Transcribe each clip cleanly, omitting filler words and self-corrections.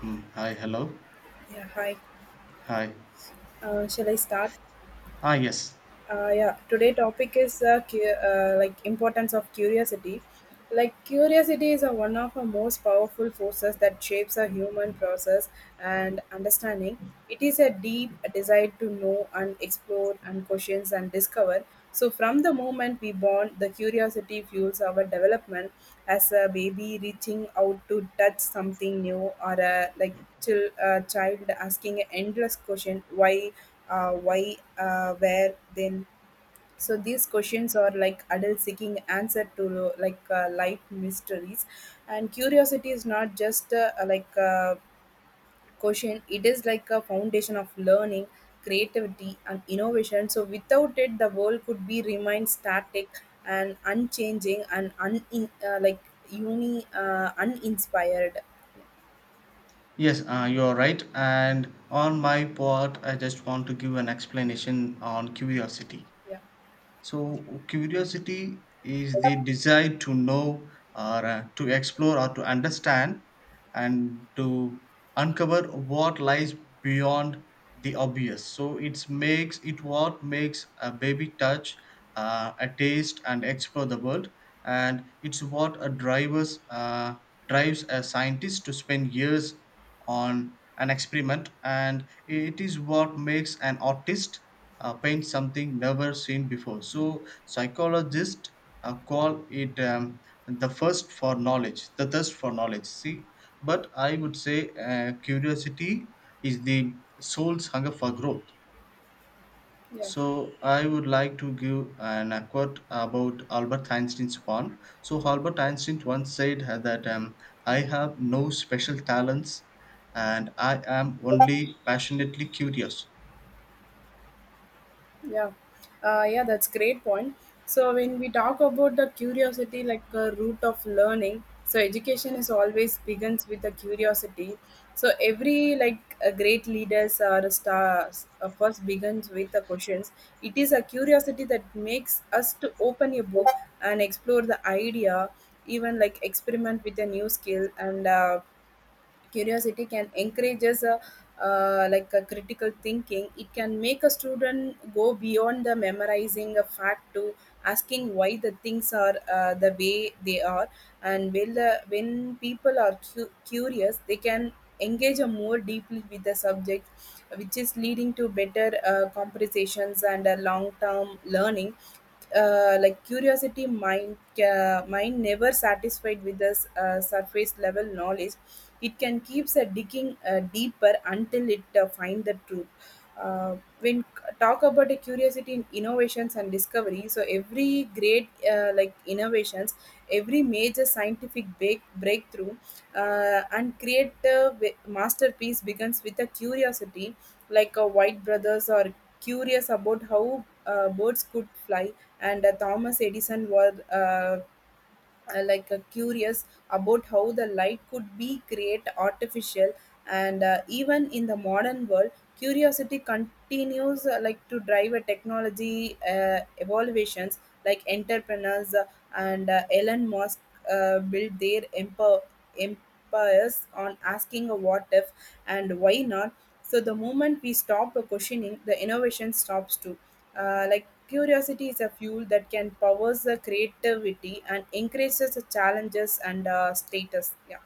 Hmm. Hi, hello. Yeah, hi. Hi. Shall I start? Ah, yes. Yeah, today topic is like importance of curiosity. Like curiosity is one of the most powerful forces that shapes a human process and understanding. It is a deep desire to know and explore and questions and discover. So from the moment we born, the curiosity fuels our development as a baby reaching out to touch something new or a like till a child asking an endless question why, where, then. So these questions are like adults seeking answer to like life mysteries, and curiosity is not just like a question; it is like a foundation of learning, creativity, and innovation. So without it, the world could be remain static and unchanging and un like uni uninspired. Yes, you're right. And on my part, I just want to give an explanation on curiosity. Yeah, So, curiosity is the desire to know or to explore or to understand and to uncover what lies beyond the obvious. So, it makes it what makes a baby touch, a taste, and explore the world. And it's what a driver's drives a scientist to spend years on an experiment, and it is what makes an artist paint something never seen before. So psychologists call it the thirst for knowledge, see, but I would say curiosity is the soul's hunger for growth. yeah. So I would like to give an a quote about Albert Einstein's one. So Albert Einstein once said that I have no special talents and I am only passionately curious. Yeah, yeah, that's great point. So when we talk about the curiosity, like a root of learning, so education is always begins with the curiosity. So every like a great leaders or stars first begins with the questions. It is a curiosity that makes us to open a book and explore the idea, even like experiment with a new skill and. Curiosity can encourage us like a critical thinking. It can make a student go beyond the memorizing a fact to asking why the things are the way they are, and when people are curious they can engage a more deeply with the subject, which is leading to better compensations and a long term learning. Like curiosity mind mind never satisfied with the surface level knowledge. It can keeps digging deeper until it find the truth. Talk about a curiosity in innovations and discovery, so every great like innovations, every major scientific breakthrough and creative masterpiece begins with a curiosity. Like a white brothers or curious about how birds could fly, and Thomas Edison was curious about how the light could be create artificial, and even in the modern world curiosity continues like to drive a technology evaluations, like entrepreneurs and Elon Musk build their empires on asking a what if and why not. So the moment we stop questioning, the innovation stops too. Like curiosity is a fuel that can powers the creativity and increases the challenges and status. Yeah.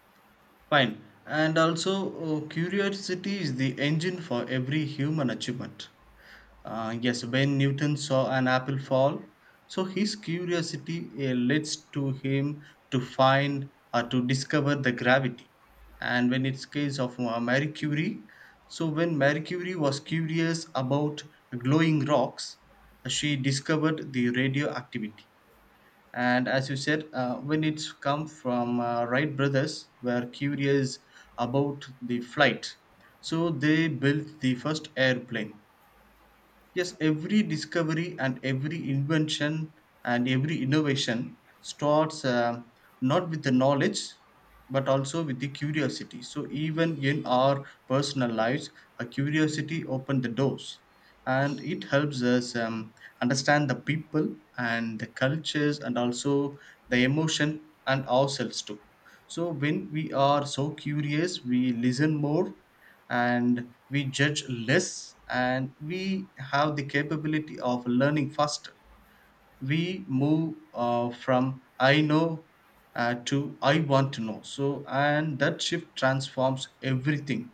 Fine. And also curiosity is the engine for every human achievement. Yes, when Newton saw an apple fall, so his curiosity leads to him to find or to discover the gravity. And when it's case of Marie Curie, so when Marie Curie was curious about glowing rocks, she discovered the radioactivity. And as you said, when it's come from Wright brothers, were curious about the flight, so they built the first airplane. Yes, every discovery and every invention and every innovation starts not with the knowledge but also with the curiosity. So, even in our personal lives, a curiosity opens the doors and it helps us understand the people and the cultures and also the emotion and ourselves too. So when we are so curious, we listen more and we judge less and we have the capability of learning faster. We move from I know to I want to know. So and that shift transforms everything.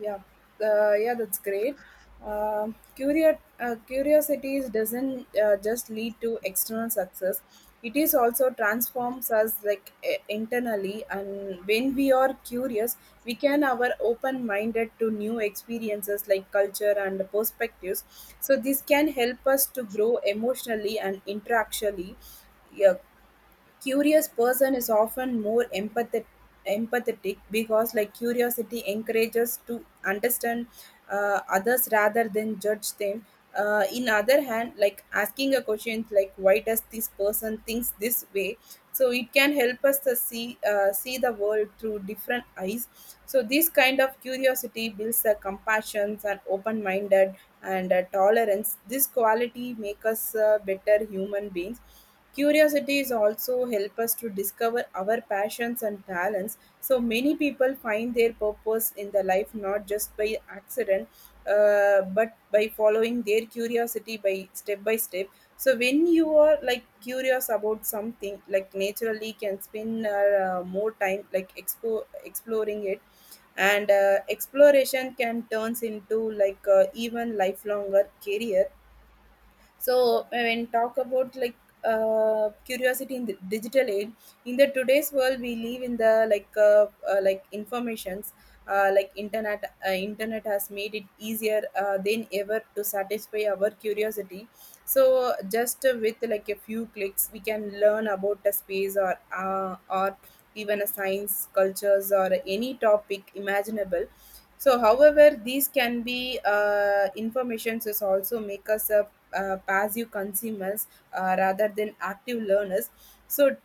Yeah, yeah, that's great. Curiosities doesn't just lead to external success; it is also transforms us like internally. And when we are curious, we can our open-minded to new experiences like culture and perspectives. So this can help us to grow emotionally and interactually. Yeah, curious person is often more empathetic because like curiosity encourages to understand others rather than judge them. In other hand, like asking a question like why does this person thinks this way, so it can help us to see the world through different eyes. So this kind of curiosity builds a compassion and open minded and tolerance. This quality make us better human beings. Curiosity is also help us to discover our passions and talents. So many people find their purpose in the life not just by accident, but by following their curiosity by step by step. So when you are like curious about something, like naturally can spend more time like exploring it, and exploration can turns into like even lifelonger career. So when talk about like curiosity in the digital age, in the today's world we live in the like informations. Internet has made it easier than ever to satisfy our curiosity. So just with like a few clicks we can learn about a space or even a science cultures or any topic imaginable. So however these can be informations is also make us a passive consumers rather than active learners. so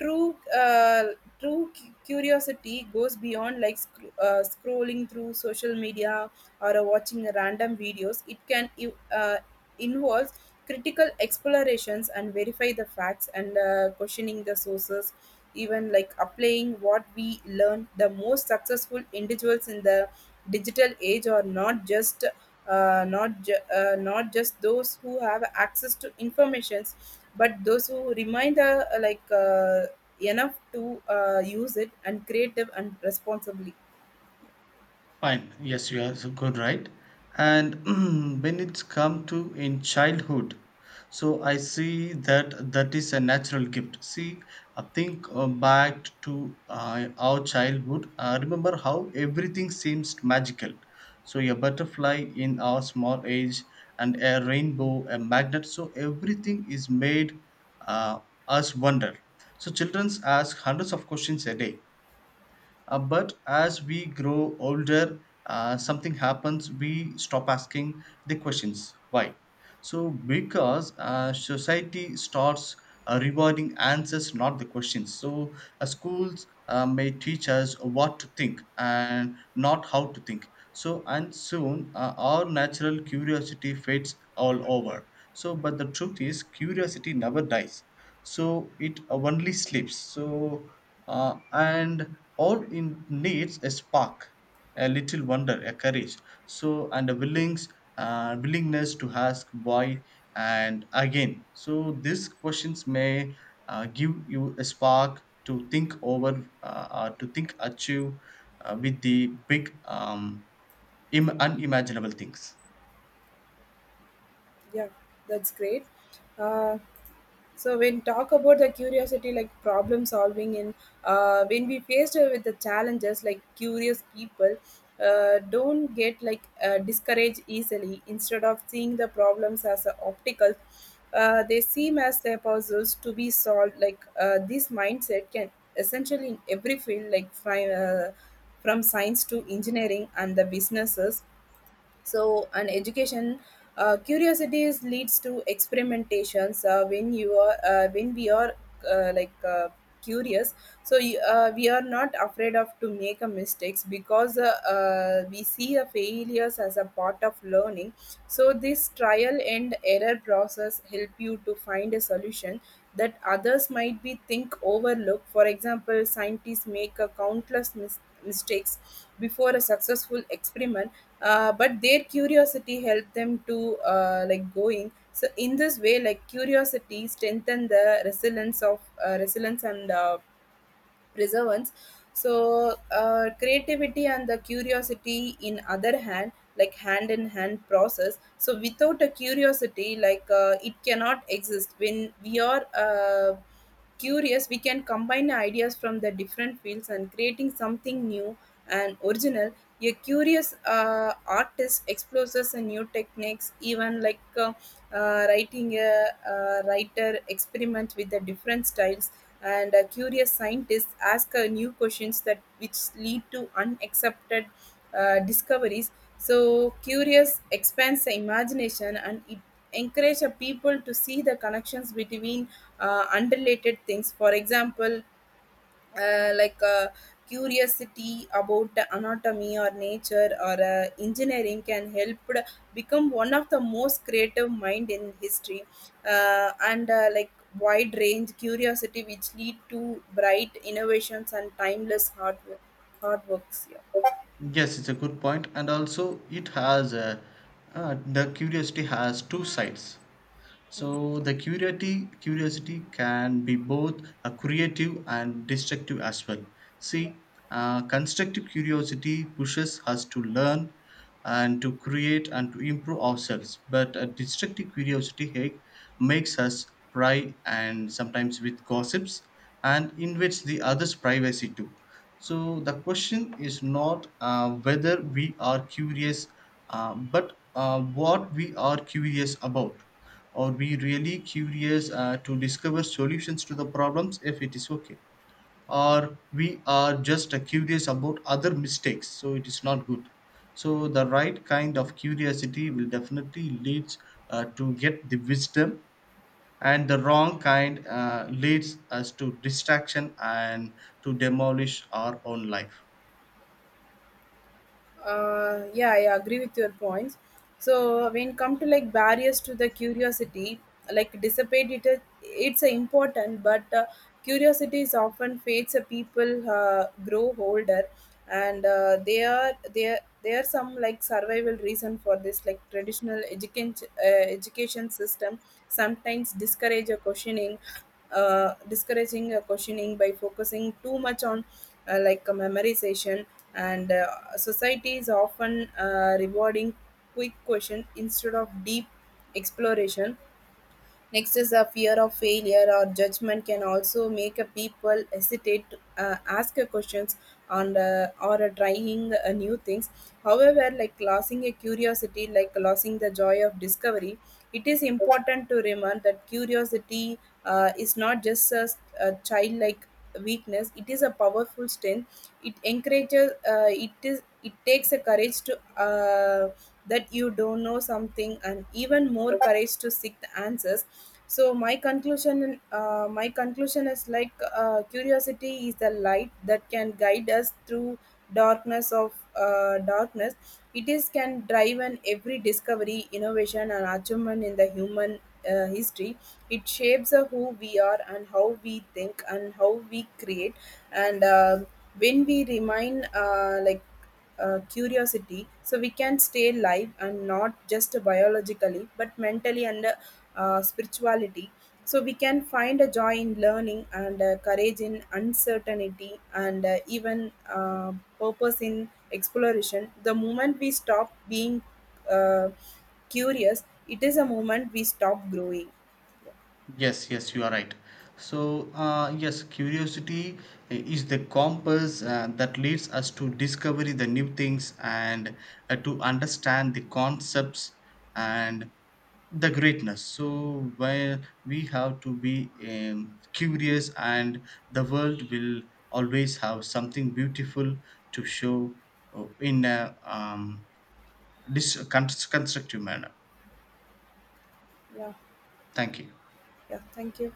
True, uh, true cu- curiosity goes beyond like scrolling through social media or watching random videos. It can involves critical explorations and verify the facts and questioning the sources, even like applying what we learn. The most successful individuals in the digital age are not just those who have access to informations, but those who remind enough to use it and creative and responsibly. Fine. Yes, you are so good, right? And when it's come to in childhood, so I see that that is a natural gift. See, I think back to our childhood. I remember how everything seems magical. So a butterfly in our small age, and a rainbow, a magnet. So everything is made uh, us wonder. So children ask hundreds of questions a day, but as we grow older, something happens, we stop asking the questions. Why? So, because society starts rewarding answers, not the questions. So, schools may teach us what to think and not how to think. So, and soon our natural curiosity fades all over. So, but the truth is, curiosity never dies, so it only sleeps. So and all it needs a spark, a little wonder, a courage, so and a willings willingness to ask why and again. So these questions may give you a spark to think over to think achieve with the big unimaginable things. Yeah, that's great. Uh, so when talk about the curiosity, like problem solving, and when we faced with the challenges, like curious people don't get like discouraged easily. Instead of seeing the problems as a obstacle, they seem as their puzzles to be solved. Like this mindset can essentially in every field, like from science to engineering and the businesses, so an education curiosities leads to experimentations. When we are uh, like uh, curious, we are not afraid of to make a mistakes because we see a failures as a part of learning. So this trial and error process help you to find a solution that others might be think overlook. For example, scientists make a countless mistakes before a successful experiment, but their curiosity helped them to like going. So in this way, like curiosity strengthen the resilience and preservance. So creativity and the curiosity in other hand like hand in hand process. So without a curiosity, like it cannot exist. When we are curious, we can combine ideas from the different fields and creating something new and original. A curious artist explores a new techniques, even like writing a writer experiment with the different styles, and curious scientists ask new questions that which lead to unaccepted discoveries. So curious expands the imagination, and it encourages people to see the connections between unrelated things. For example, uh, like uh, curiosity about the anatomy or nature or engineering can help to become one of the most creative mind in history and like wide range curiosity which lead to bright innovations and timeless hard works. Yeah. Yes, it's a good point, and also it has a, the curiosity has two sides. So the curiosity can be both a creative and destructive as well. See, constructive curiosity pushes us to learn and to create and to improve ourselves. But a destructive curiosity, hey, makes us pry and sometimes with gossips and invades the other's privacy too. So the question is not whether we are curious, but what we are curious about, or be really curious to discover solutions to the problems if it is okay, or we are just curious about other mistakes, so it is not good. So the right kind of curiosity will definitely leads to get the wisdom, and the wrong kind leads us to distraction and to demolish our own life. Yeah I agree with your points. So when come to like barriers to the curiosity, like dissipate it's important. But curiosity is often fades a people grow older, and they are there there are some like survival reason for this. Like traditional education system sometimes discourage a questioning, discouraging questioning by focusing too much on memorization, and society is often rewarding quick question instead of deep exploration. Next is a fear of failure or judgment can also make a people hesitate to ask a questions on the, or trying new things. However, like losing a curiosity, like losing the joy of discovery, it is important to remember that curiosity is not just a childlike weakness. It is a powerful strength. It encourages it takes a courage to that you don't know something, and even more courage to seek the answers. So my conclusion is like curiosity is the light that can guide us through darkness. It is can drive an every discovery, innovation, and achievement in the human history. It shapes who we are and how we think and how we create. And when we remain curiosity, so we can stay alive and not just biologically but mentally and spirituality. So we can find a joy in learning and courage in uncertainty and even purpose in exploration. The moment we stop being uh, curious, it is a moment we stop growing. Yes, yes, you are right. So, yes, curiosity is the compass that leads us to discover the new things and to understand the concepts and the greatness. So, where we have to be curious, and the world will always have something beautiful to show in a dis- constructive manner. Yeah. Thank you. Yeah, thank you.